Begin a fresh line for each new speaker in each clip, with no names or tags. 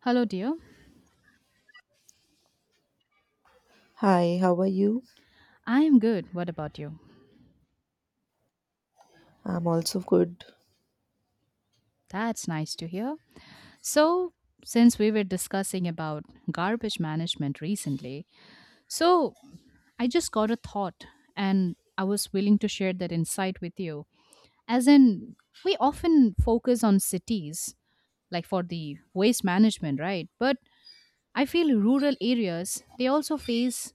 Hello, dear.
Hi, how are you?
I am good. What about you?
I'm also good.
That's nice to hear. So, since we were discussing about garbage management recently, so I just got a thought and I was willing to share that insight with you. As in, we often focus on cities like for the waste management, right? But I feel rural areas they also face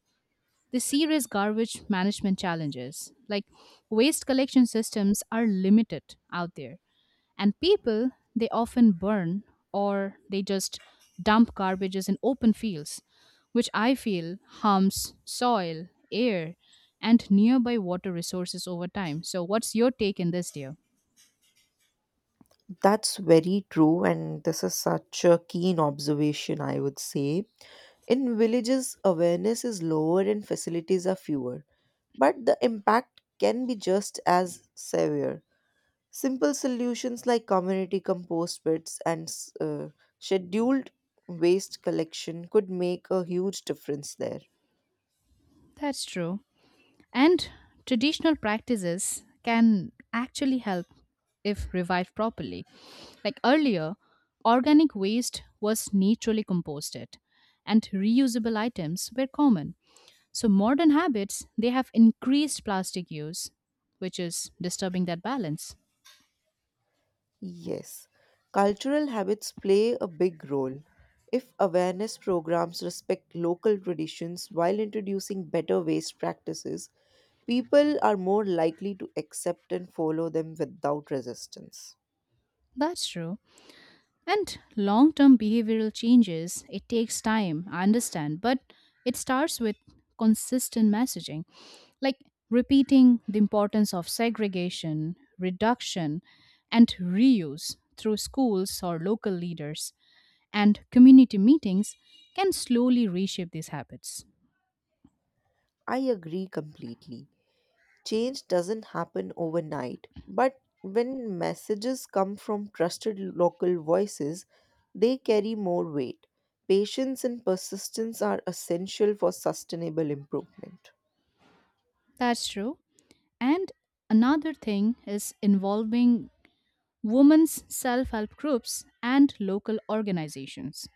the serious garbage management challenges. Like waste collection systems are limited out there. And people, they often burn or they just dump garbages in open fields, which I feel harms soil, air, and nearby water resources over time. So, what's your take in this, dear?
That's very true, and this is such a keen observation, I would say. In villages, awareness is lower and facilities are fewer, but the impact can be just as severe. Simple solutions like community compost pits and scheduled waste collection could make a huge difference there.
That's true. And traditional practices can actually help if revived properly. Like earlier, organic waste was naturally composted and reusable items were common. So modern habits, they have increased plastic use, which is disturbing that balance.
Yes, cultural habits play a big role. If awareness programs respect local traditions while introducing better waste practices, people are more likely to accept and follow them without resistance.
That's true. And long term behavioral changes, it takes time, I understand, but it starts with consistent messaging, like repeating the importance of segregation, reduction, and reuse through schools or local leaders and community meetings can slowly reshape these habits.
I agree completely. Change doesn't happen overnight, but when messages come from trusted local voices, they carry more weight. Patience and persistence are essential for sustainable improvement.
That's true. And another thing is involving women's self help groups and local organizations,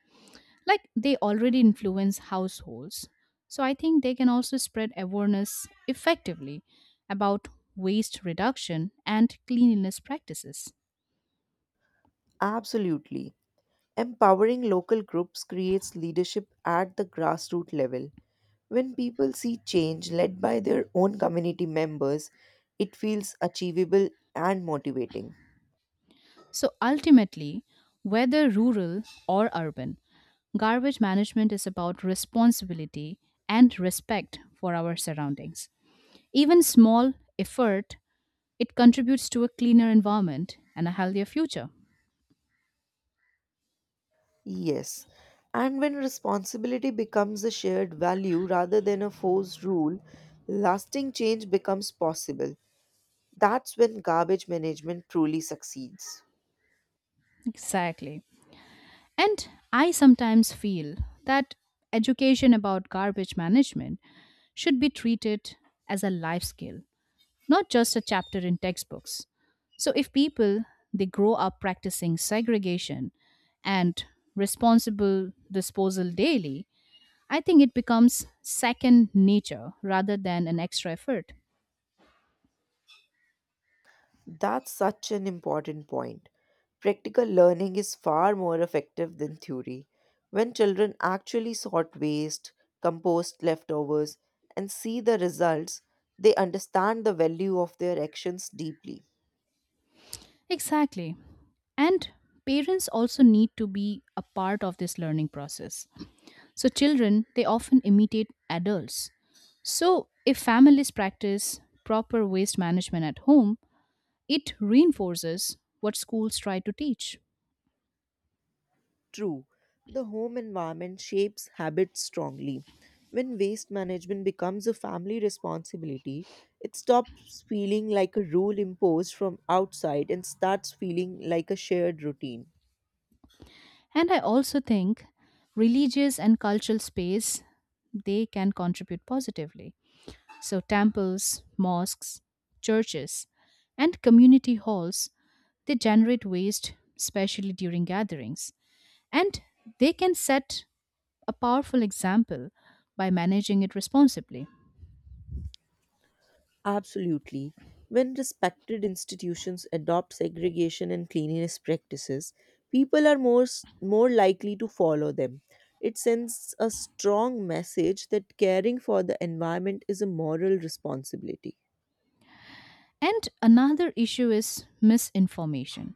like they already influence households, so I think they can also spread awareness effectively about waste reduction and cleanliness practices.
Absolutely. Empowering local groups creates leadership at the grassroots level. When people see change led by their own community members, it feels achievable and motivating.
So ultimately, whether rural or urban, garbage management is about responsibility and respect for our surroundings. Even small effort, it contributes to a cleaner environment and a healthier future.
Yes. And when responsibility becomes a shared value rather than a forced rule, lasting change becomes possible. That's when garbage management truly succeeds.
Exactly. And I sometimes feel that education about garbage management should be treated as a life skill, not just a chapter in textbooks. So if people they grow up practicing segregation and responsible disposal daily, I think it becomes second nature rather than an extra effort.
That's such an important point. Practical learning is far more effective than theory. When children actually sort waste, compost leftovers, and see the results, they understand the value of their actions deeply.
Exactly. And parents also need to be a part of this learning process. So children, they often imitate adults. So if families practice proper waste management at home, it reinforces what schools try to teach.
True, the home environment shapes habits strongly. When waste management becomes a family responsibility, it stops feeling like a rule imposed from outside and starts feeling like a shared routine.
And I also think religious and cultural space they can contribute positively. So temples, mosques, churches, and community halls they generate waste, especially during gatherings, and they can set a powerful example by managing it responsibly.
Absolutely. When respected institutions adopt segregation and cleanliness practices, people are more likely to follow them. It sends a strong message that caring for the environment is a moral responsibility.
And another issue is misinformation.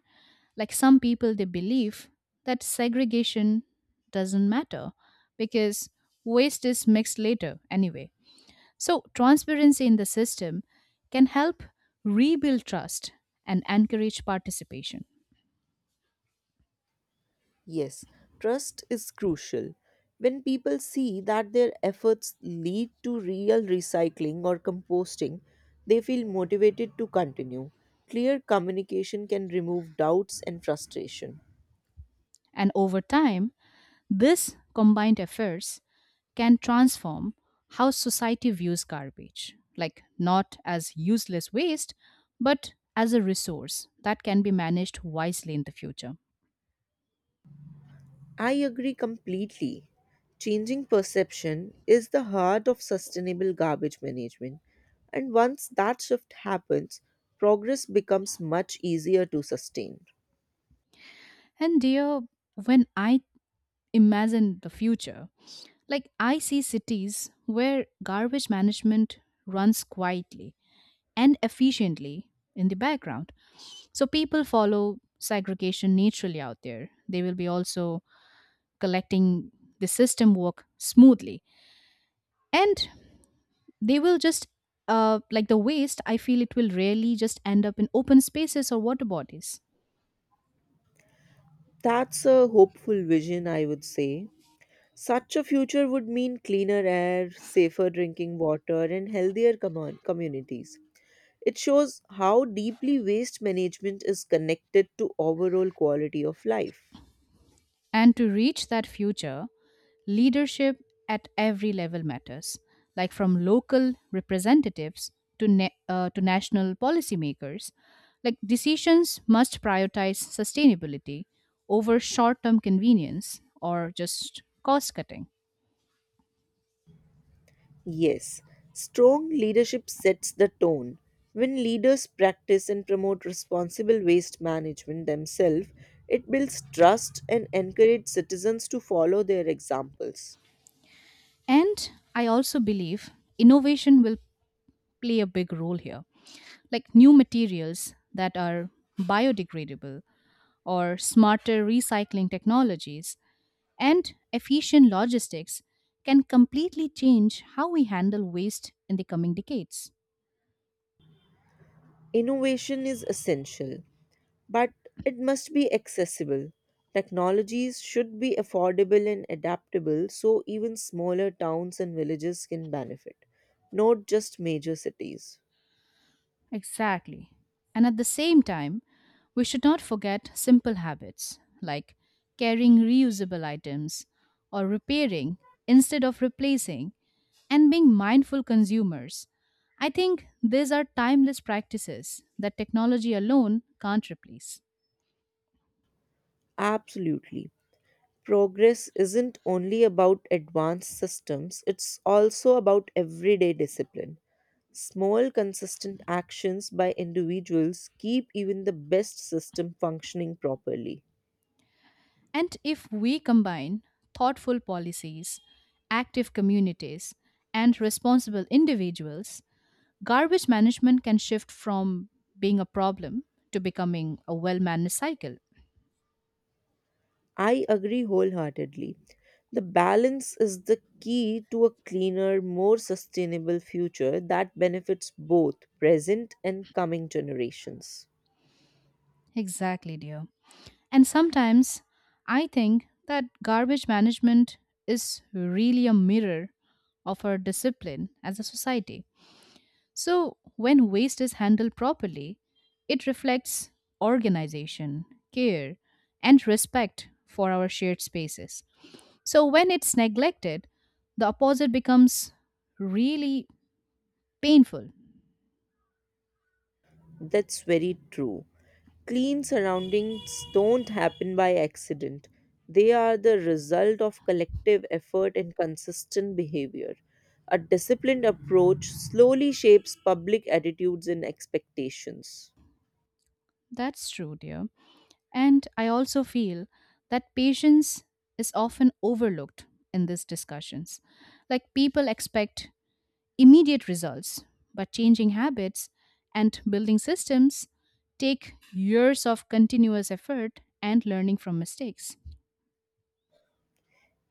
Like some people, they believe that segregation doesn't matter because waste is mixed later anyway. So, transparency in the system can help rebuild trust and encourage participation.
Yes, trust is crucial. When people see that their efforts lead to real recycling or composting, they feel motivated to continue. Clear communication can remove doubts and frustration.
And over time, this combined efforts can transform how society views garbage, like not as useless waste, but as a resource that can be managed wisely in the future.
I agree completely. Changing perception is the heart of sustainable garbage management, and once that shift happens, progress becomes much easier to sustain.
And dear, when I imagine the future, like I see cities where garbage management runs quietly and efficiently in the background. So people follow segregation naturally out there. They will be also collecting the system work smoothly. And they will just like the waste I feel it will really just end up in open spaces or water bodies.
That's a hopeful vision, I would say. Such a future would mean cleaner air, safer drinking water, and healthier communities. It shows how deeply waste management is connected to overall quality of life.
And to reach that future, leadership at every level matters, like from local representatives to national policymakers, like decisions must prioritize sustainability over short term convenience or just cost cutting.
Yes, strong leadership sets the tone. When leaders practice and promote responsible waste management themselves, it builds trust and encourages citizens to follow their examples.
And I also believe innovation will play a big role here. Like new materials that are biodegradable or smarter recycling technologies and efficient logistics can completely change how we handle waste in the coming decades.
Innovation is essential, but it must be accessible. Technologies should be affordable and adaptable so even smaller towns and villages can benefit, not just major cities.
Exactly. And at the same time, we should not forget simple habits like carrying reusable items or repairing instead of replacing and being mindful consumers. I think these are timeless practices that technology alone can't replace.
Absolutely. Progress isn't only about advanced systems, it's also about everyday discipline. Small, consistent actions by individuals keep even the best system functioning properly.
And if we combine thoughtful policies, active communities, and responsible individuals, garbage management can shift from being a problem to becoming a well managed cycle.
I agree wholeheartedly. The balance is the key to a cleaner, more sustainable future that benefits both present and coming generations.
Exactly, dear. And sometimes I think that garbage management is really a mirror of our discipline as a society. So, when waste is handled properly, it reflects organization, care, and respect for our shared spaces. So, when it's neglected, the opposite becomes really painful.
That's very true. Clean surroundings don't happen by accident, they are the result of collective effort and consistent behavior. A disciplined approach slowly shapes public attitudes and expectations.
That's true, dear. And I also feel that patience is often overlooked in these discussions. Like people expect immediate results, but changing habits and building systems take years of continuous effort and learning from mistakes.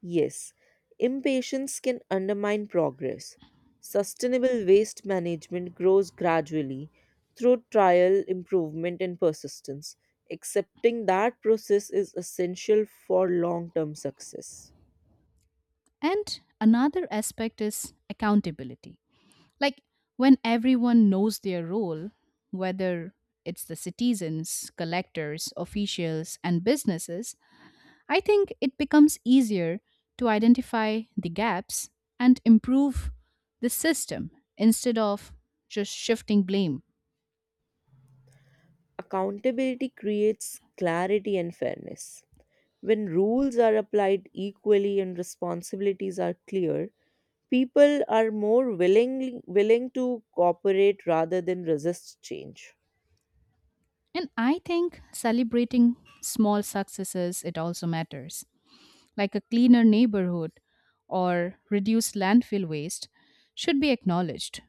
Yes, impatience can undermine progress. Sustainable waste management grows gradually through trial, improvement, and persistence. Accepting that process is essential for long term success.
And another aspect is accountability. Like when everyone knows their role, whether it's the citizens, collectors, officials, and businesses, I think it becomes easier to identify the gaps and improve the system instead of just shifting blame.
Accountability creates clarity and fairness. When rules are applied equally and responsibilities are clear, people are willing to cooperate rather than resist change.
And I think celebrating small successes, it also matters, like a cleaner neighborhood or reduced landfill waste, should be acknowledged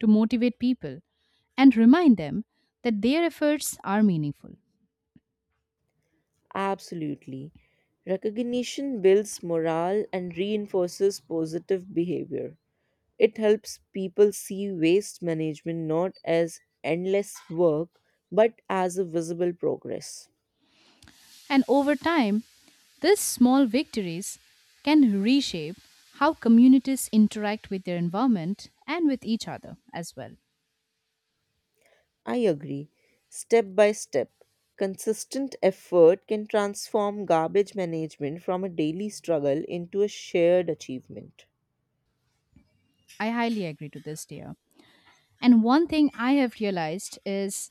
to motivate people and remind them that their efforts are meaningful.
Absolutely. Recognition builds morale and reinforces positive behavior. It helps people see waste management not as endless work but as a visible progress.
And over time, these small victories can reshape how communities interact with their environment and with each other as well.
I agree. Step by step, consistent effort can transform garbage management from a daily struggle into a shared achievement.
I highly agree to this, dear. And one thing I have realized is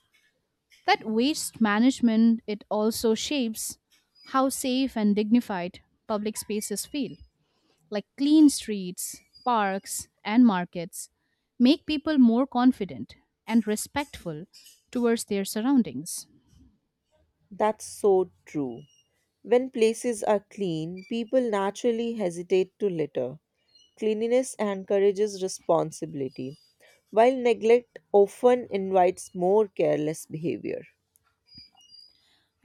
that waste management it also shapes how safe and dignified public spaces feel. Like clean streets, parks, and markets make people more confident and respectful towards their surroundings.
That's so true. When places are clean, people naturally hesitate to litter. Cleanliness encourages responsibility, while neglect often invites more careless behavior.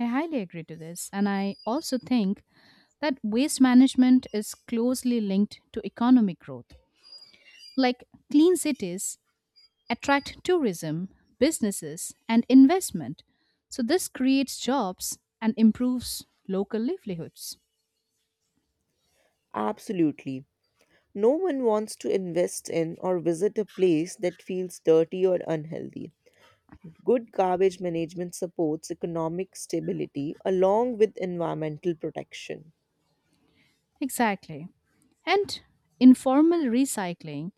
I highly agree to this. And I also think that waste management is closely linked to economic growth. Like clean cities attract tourism, businesses, and investment. So this creates jobs and improves local livelihoods.
Absolutely. No one wants to invest in or visit a place that feels dirty or unhealthy. Good garbage management supports economic stability along with environmental protection.
Exactly. And informal recycling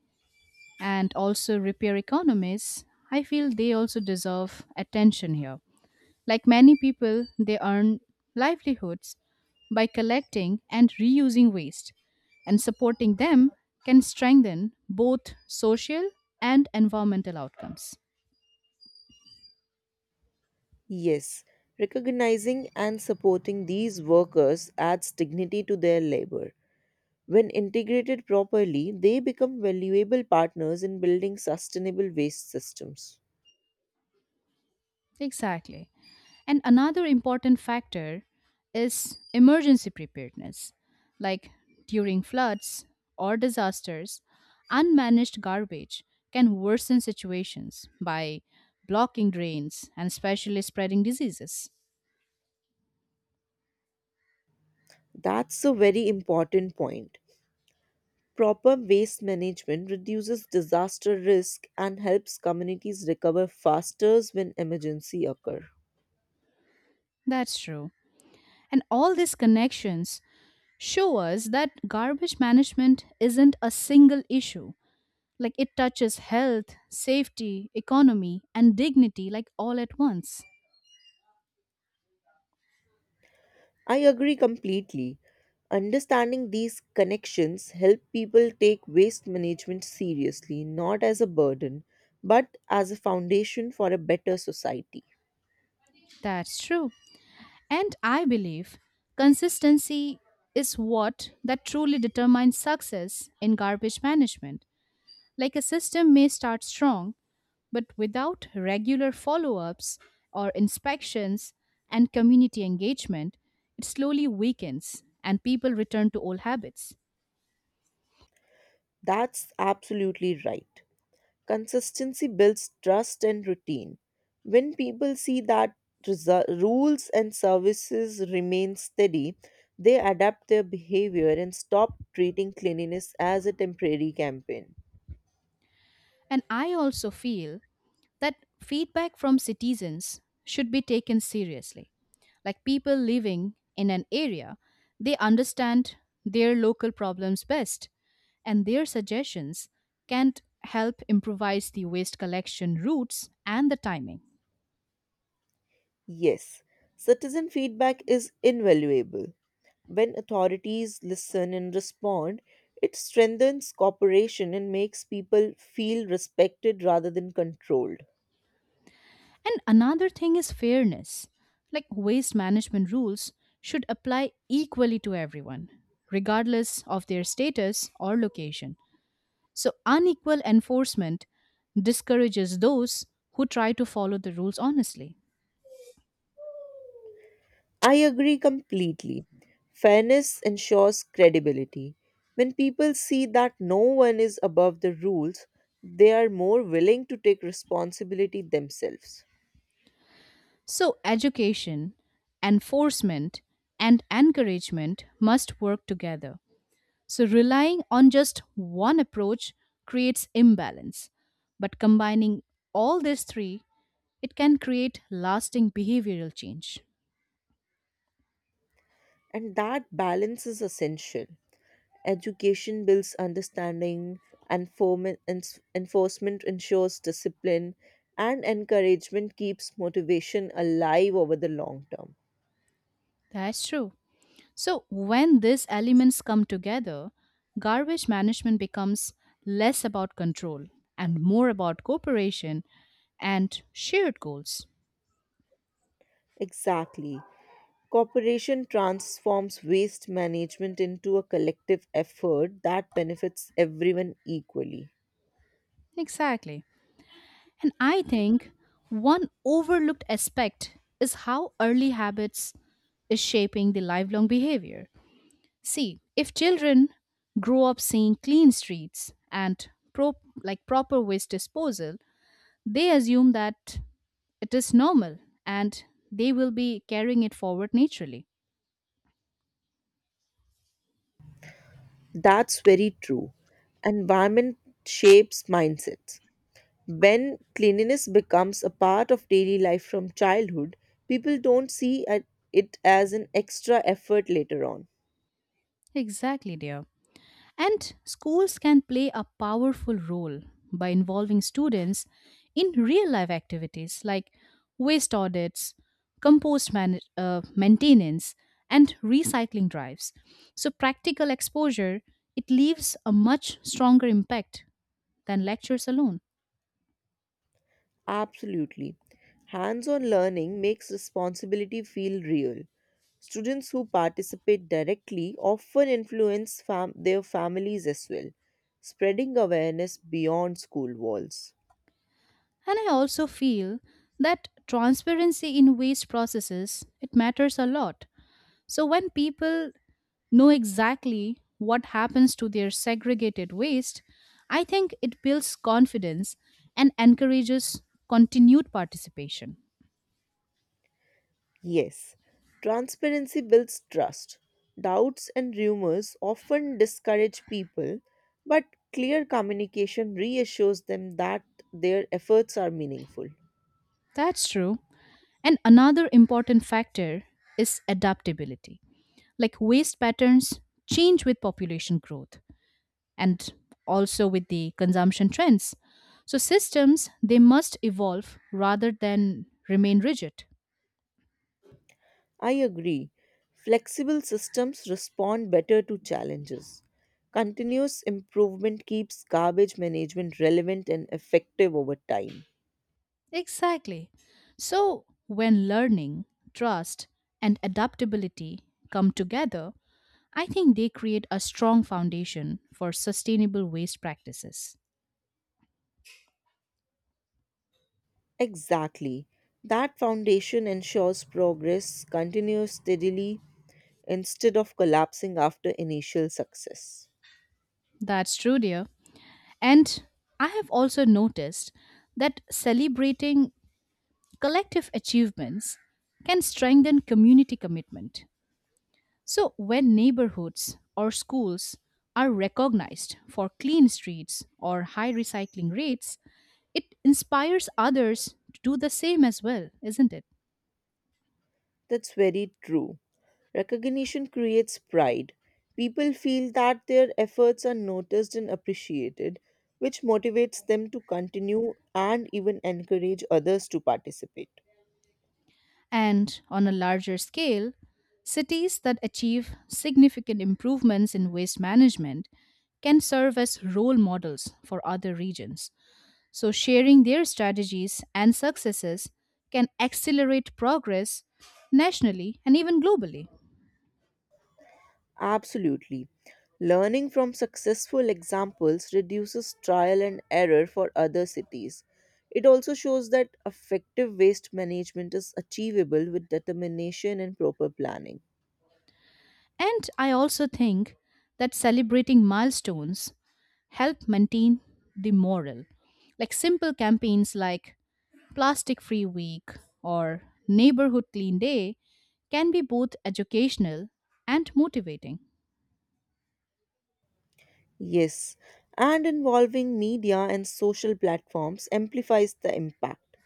and also repair economies, I feel they also deserve attention here. Like many people, they earn livelihoods by collecting and reusing waste, and supporting them can strengthen both social and environmental outcomes.
Yes, recognizing and supporting these workers adds dignity to their labor. When integrated properly, they become valuable partners in building sustainable waste systems.
Exactly. And another important factor is emergency preparedness. Like during floods or disasters, unmanaged garbage can worsen situations by blocking drains and especially spreading diseases.
That's a very important point. Proper waste management reduces disaster risk and helps communities recover faster when emergency occur.
That's true. And all these connections show us that garbage management isn't a single issue. Like it touches health, safety, economy, and dignity, like all at once.
I agree completely. Understanding these connections help people take waste management seriously, not as a burden, but as a foundation for a better society.
That's true. And I believe consistency is what that truly determines success in garbage management. Like a system may start strong, but without regular follow ups or inspections and community engagement, it slowly weakens and people return to old habits.
That's absolutely right. Consistency builds trust and routine. When people see that rules and services remain steady, they adapt their behavior and stop treating cleanliness as a temporary campaign.
And I also feel that feedback from citizens should be taken seriously. Like people living in an area, they understand their local problems best, and their suggestions can help improvise the waste collection routes and the timing.
Yes, citizen feedback is invaluable. When authorities listen and respond, it strengthens cooperation and makes people feel respected rather than controlled.
And another thing is fairness. Like waste management rules should apply equally to everyone, regardless of their status or location. So, unequal enforcement discourages those who try to follow the rules honestly.
I agree completely. Fairness ensures credibility. When people see that no one is above the rules, they are more willing to take responsibility themselves.
So, education, enforcement, and encouragement must work together. So, relying on just one approach creates imbalance. But combining all these three it can create lasting behavioral change.
And that balance is essential. Education builds understanding, and enforcement ensures discipline, and encouragement keeps motivation alive over the long term.
That's true. So, when these elements come together, garbage management becomes less about control and more about cooperation and shared goals.
Exactly. Cooperation transforms waste management into a collective effort that benefits everyone equally.
Exactly. And I think one overlooked aspect is how early habits is shaping the lifelong behavior. See, if children grow up seeing clean streets and pro- like proper waste disposal, they assume that it is normal and they will be carrying it forward naturally.
That's very true. Environment shapes mindsets. When cleanliness becomes a part of daily life from childhood, people don't it as an extra effort later on.
Exactly, dear. And schools can play a powerful role by involving students in real life activities like waste audits, compost maintenance, and recycling drives. So, practical exposure it leaves a much stronger impact than lectures alone.
Absolutely. Hands on learning makes responsibility feel real. Students who participate directly often influence their families as well, spreading awareness beyond school walls.
And I also feel that transparency in waste processes, it matters a lot. So when people know exactly what happens to their segregated waste, I think it builds confidence and encourages continued participation.
Yes, transparency builds trust. Doubts and rumors often discourage people, but clear communication reassures them that their efforts are meaningful.
That's true. And another important factor is adaptability. Like waste patterns change with population growth, and also with the consumption trends. So systems they must evolve rather than remain rigid.
I agree. Flexible systems respond better to challenges. Continuous improvement keeps garbage management relevant and effective over time.
Exactly. So when learning, trust and adaptability come together, I think they create a strong foundation for sustainable waste practices.
Exactly. That foundation ensures progress continues steadily instead of collapsing after initial success.
That's true, dear. And I have also noticed that celebrating collective achievements can strengthen community commitment. So, when neighborhoods or schools are recognized for clean streets or high recycling rates, it inspires others to do the same as well, isn't it?
That's very true. Recognition creates pride. People feel that their efforts are noticed and appreciated, which motivates them to continue and even encourage others to participate.
And on a larger scale, cities that achieve significant improvements in waste management can serve as role models for other regions. So, sharing their strategies and successes can accelerate progress nationally and even globally.
Absolutely. Learning from successful examples reduces trial and error for other cities. It also shows that effective waste management is achievable with determination and proper planning.
And I also think that celebrating milestones help maintain the morale. Like simple campaigns like Plastic Free Week or Neighborhood Clean Day can be both educational and motivating.
Yes, and involving media and social platforms amplifies the impact.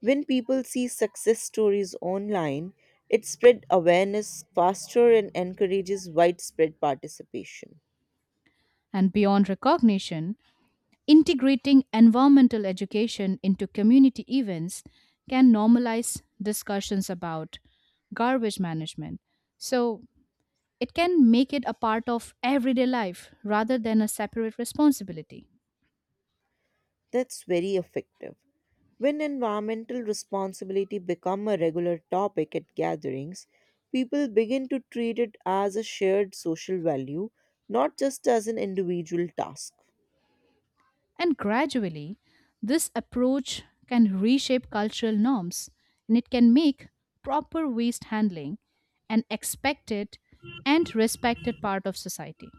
When people see success stories online, it spread awareness faster and encourages widespread participation.
And beyond recognition, integrating environmental education into community events can normalize discussions about garbage management. So, it can make it a part of everyday life rather than a separate responsibility.
That's very effective. When environmental responsibility become a regular topic at gatherings, people begin to treat it as a shared social value, not just as an individual task.
And gradually, this approach can reshape cultural norms and it can make proper waste handling an expected and respected part of society.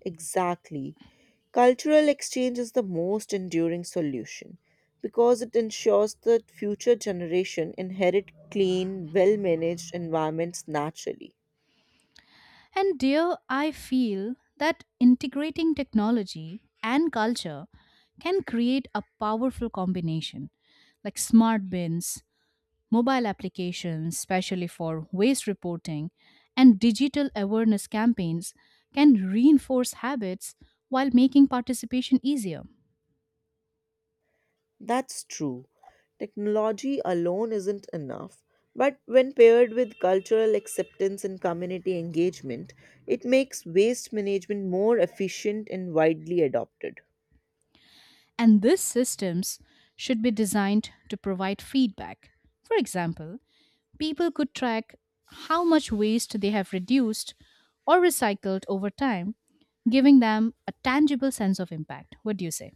Exactly. Cultural exchange is the most enduring solution because it ensures that future generation inherit clean, well-managed environments naturally.
And dear, I feel that integrating technology and culture can create a powerful combination like smart bins, mobile applications, especially for waste reporting, and digital awareness campaigns can reinforce habits while making participation easier.
That's true. Technology alone isn't enough, but when paired with cultural acceptance and community engagement, it makes waste management more efficient and widely adopted.
And these systems should be designed to provide feedback. For example, people could track how much waste they have reduced or recycled over time, giving them a tangible sense of impact. What do you say?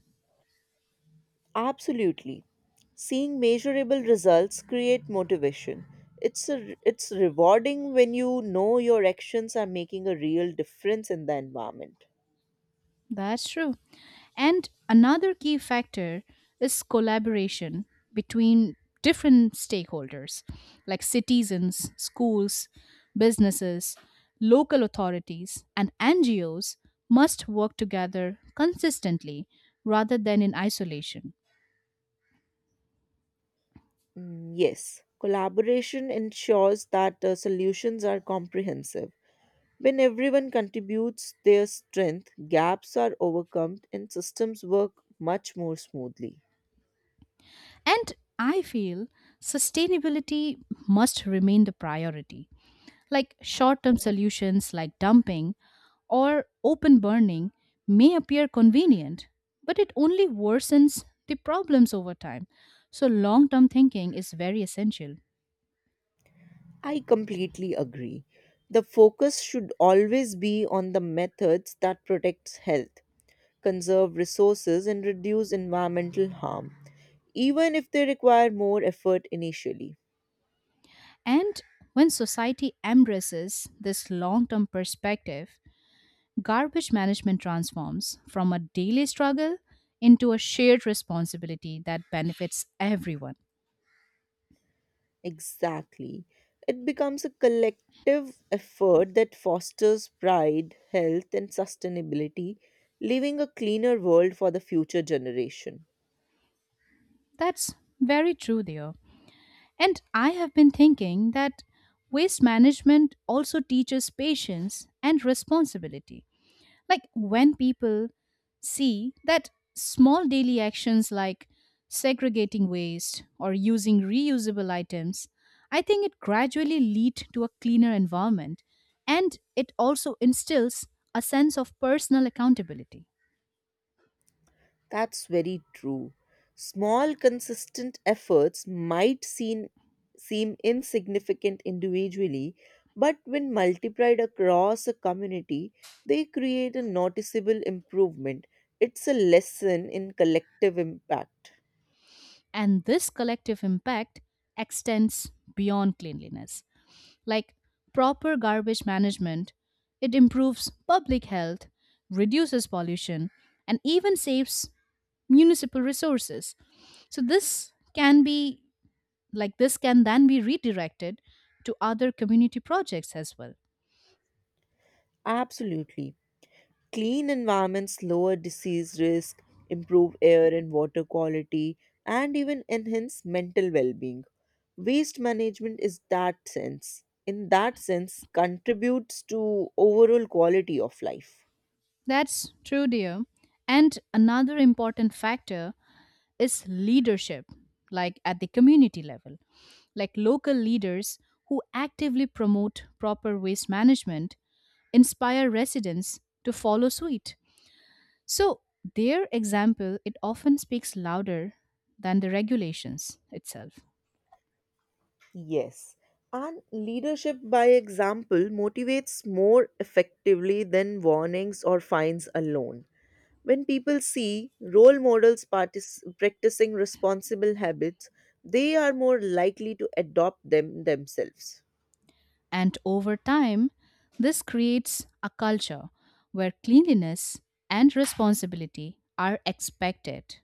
Absolutely. Seeing measurable results create motivation. It's rewarding when you know your actions are making a real difference in the environment.
That's true. And another key factor is collaboration between different stakeholders like citizens, schools, businesses, local authorities, and NGOs must work together consistently rather than in isolation.
Mm, yes, collaboration ensures that solutions are comprehensive. When everyone contributes their strength, gaps are overcome and systems work much more smoothly.
And I feel sustainability must remain the priority. Like short term solutions like dumping or open burning may appear convenient, but it only worsens the problems over time. So, long term thinking is very essential.
I completely agree. The focus should always be on the methods that protects health conserve resources, and reduce environmental harm, even if they require more effort initially.
And when society embraces this long term perspective, garbage management transforms from a daily struggle into a shared responsibility that benefits everyone.
Exactly. It becomes a collective effort that fosters pride, health, and sustainability, leaving a cleaner world for the future generation.
That's very true, dear. And I have been thinking that waste management also teaches patience and responsibility. Like when people see that small daily actions like segregating waste or using reusable items, I think it gradually lead to a cleaner environment and it also instills a sense of personal accountability.
That's very true. Small, consistent efforts seem insignificant individually, but when multiplied across a community, they create a noticeable improvement. It's a lesson in collective impact.
And this collective impact extends beyond cleanliness like proper garbage management, it improves public health, reduces pollution, and even saves municipal resources. So this can be like this can then be redirected to other community projects as well.
Absolutely. Clean environments lower disease risk, improve air and water quality, and even enhance mental well being. Waste management is that sense in that sense contributes to overall quality of life.
That's true, dear. And another important factor is leadership, like at the community level. Like local leaders who actively promote proper waste management inspire residents to follow suit. So, their example it often speaks louder than the regulations itself.
Yes, and leadership by example motivates more effectively than warnings or fines alone. When people see role models practicing responsible habits, they are more likely to adopt them themselves.
And over time, this creates a culture where cleanliness and responsibility are expected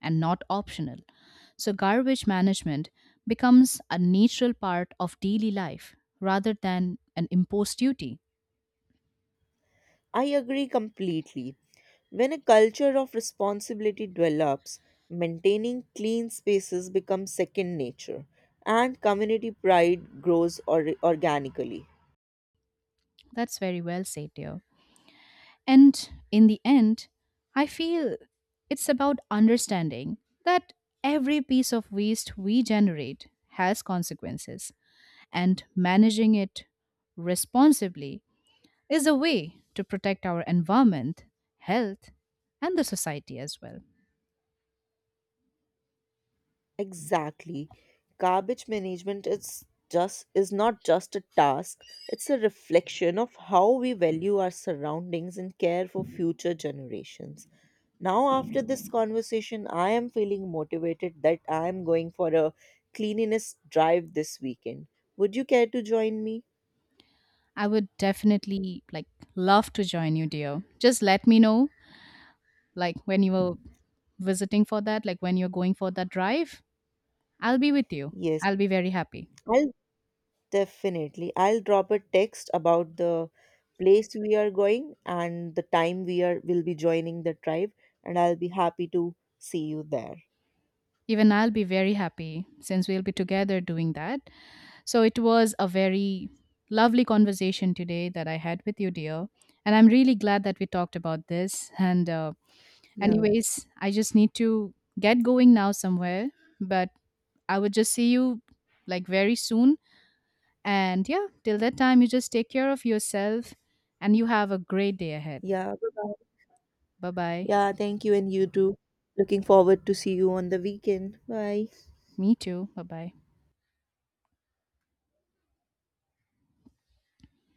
and not optional. So, garbage management becomes a natural part of daily life rather than an imposed duty.
I agree completely. When a culture of responsibility develops, maintaining clean spaces becomes second nature and community pride grows organically.
That's very well said, dear. And in the end, I feel it's about understanding that every piece of waste we generate has consequences, and managing it responsibly is a way to protect our environment, health, and the society as well.
Exactly. Garbage management is not just a task, it's a reflection of how we value our surroundings and care for future generations. Now after this conversation, I am feeling motivated that I am going for a cleanliness drive this weekend. Would you care to join me?
I would definitely like love to join you, dear. Just let me know like when you are visiting for that, like when you're going for that drive, I'll be with you.
Yes.
I'll be very happy.
I'll Definitely. I'll drop a text about the place we are going and the time we are will be joining the tribe and I'll be happy to see you there.
Even I'll be very happy since we'll be together doing that. So it was a very lovely conversation today that I had with you, dear. And I'm really glad that we talked about this.
Yeah.
Anyways, I just need to get going now somewhere. But I would just see you like very soon. And yeah, till that time, you just take care of yourself and you have a great day ahead.
Yeah. Bye-bye.
Bye bye.
Yeah, thank you and you too. Looking forward to see you on the weekend. Bye.
Me too. Bye bye.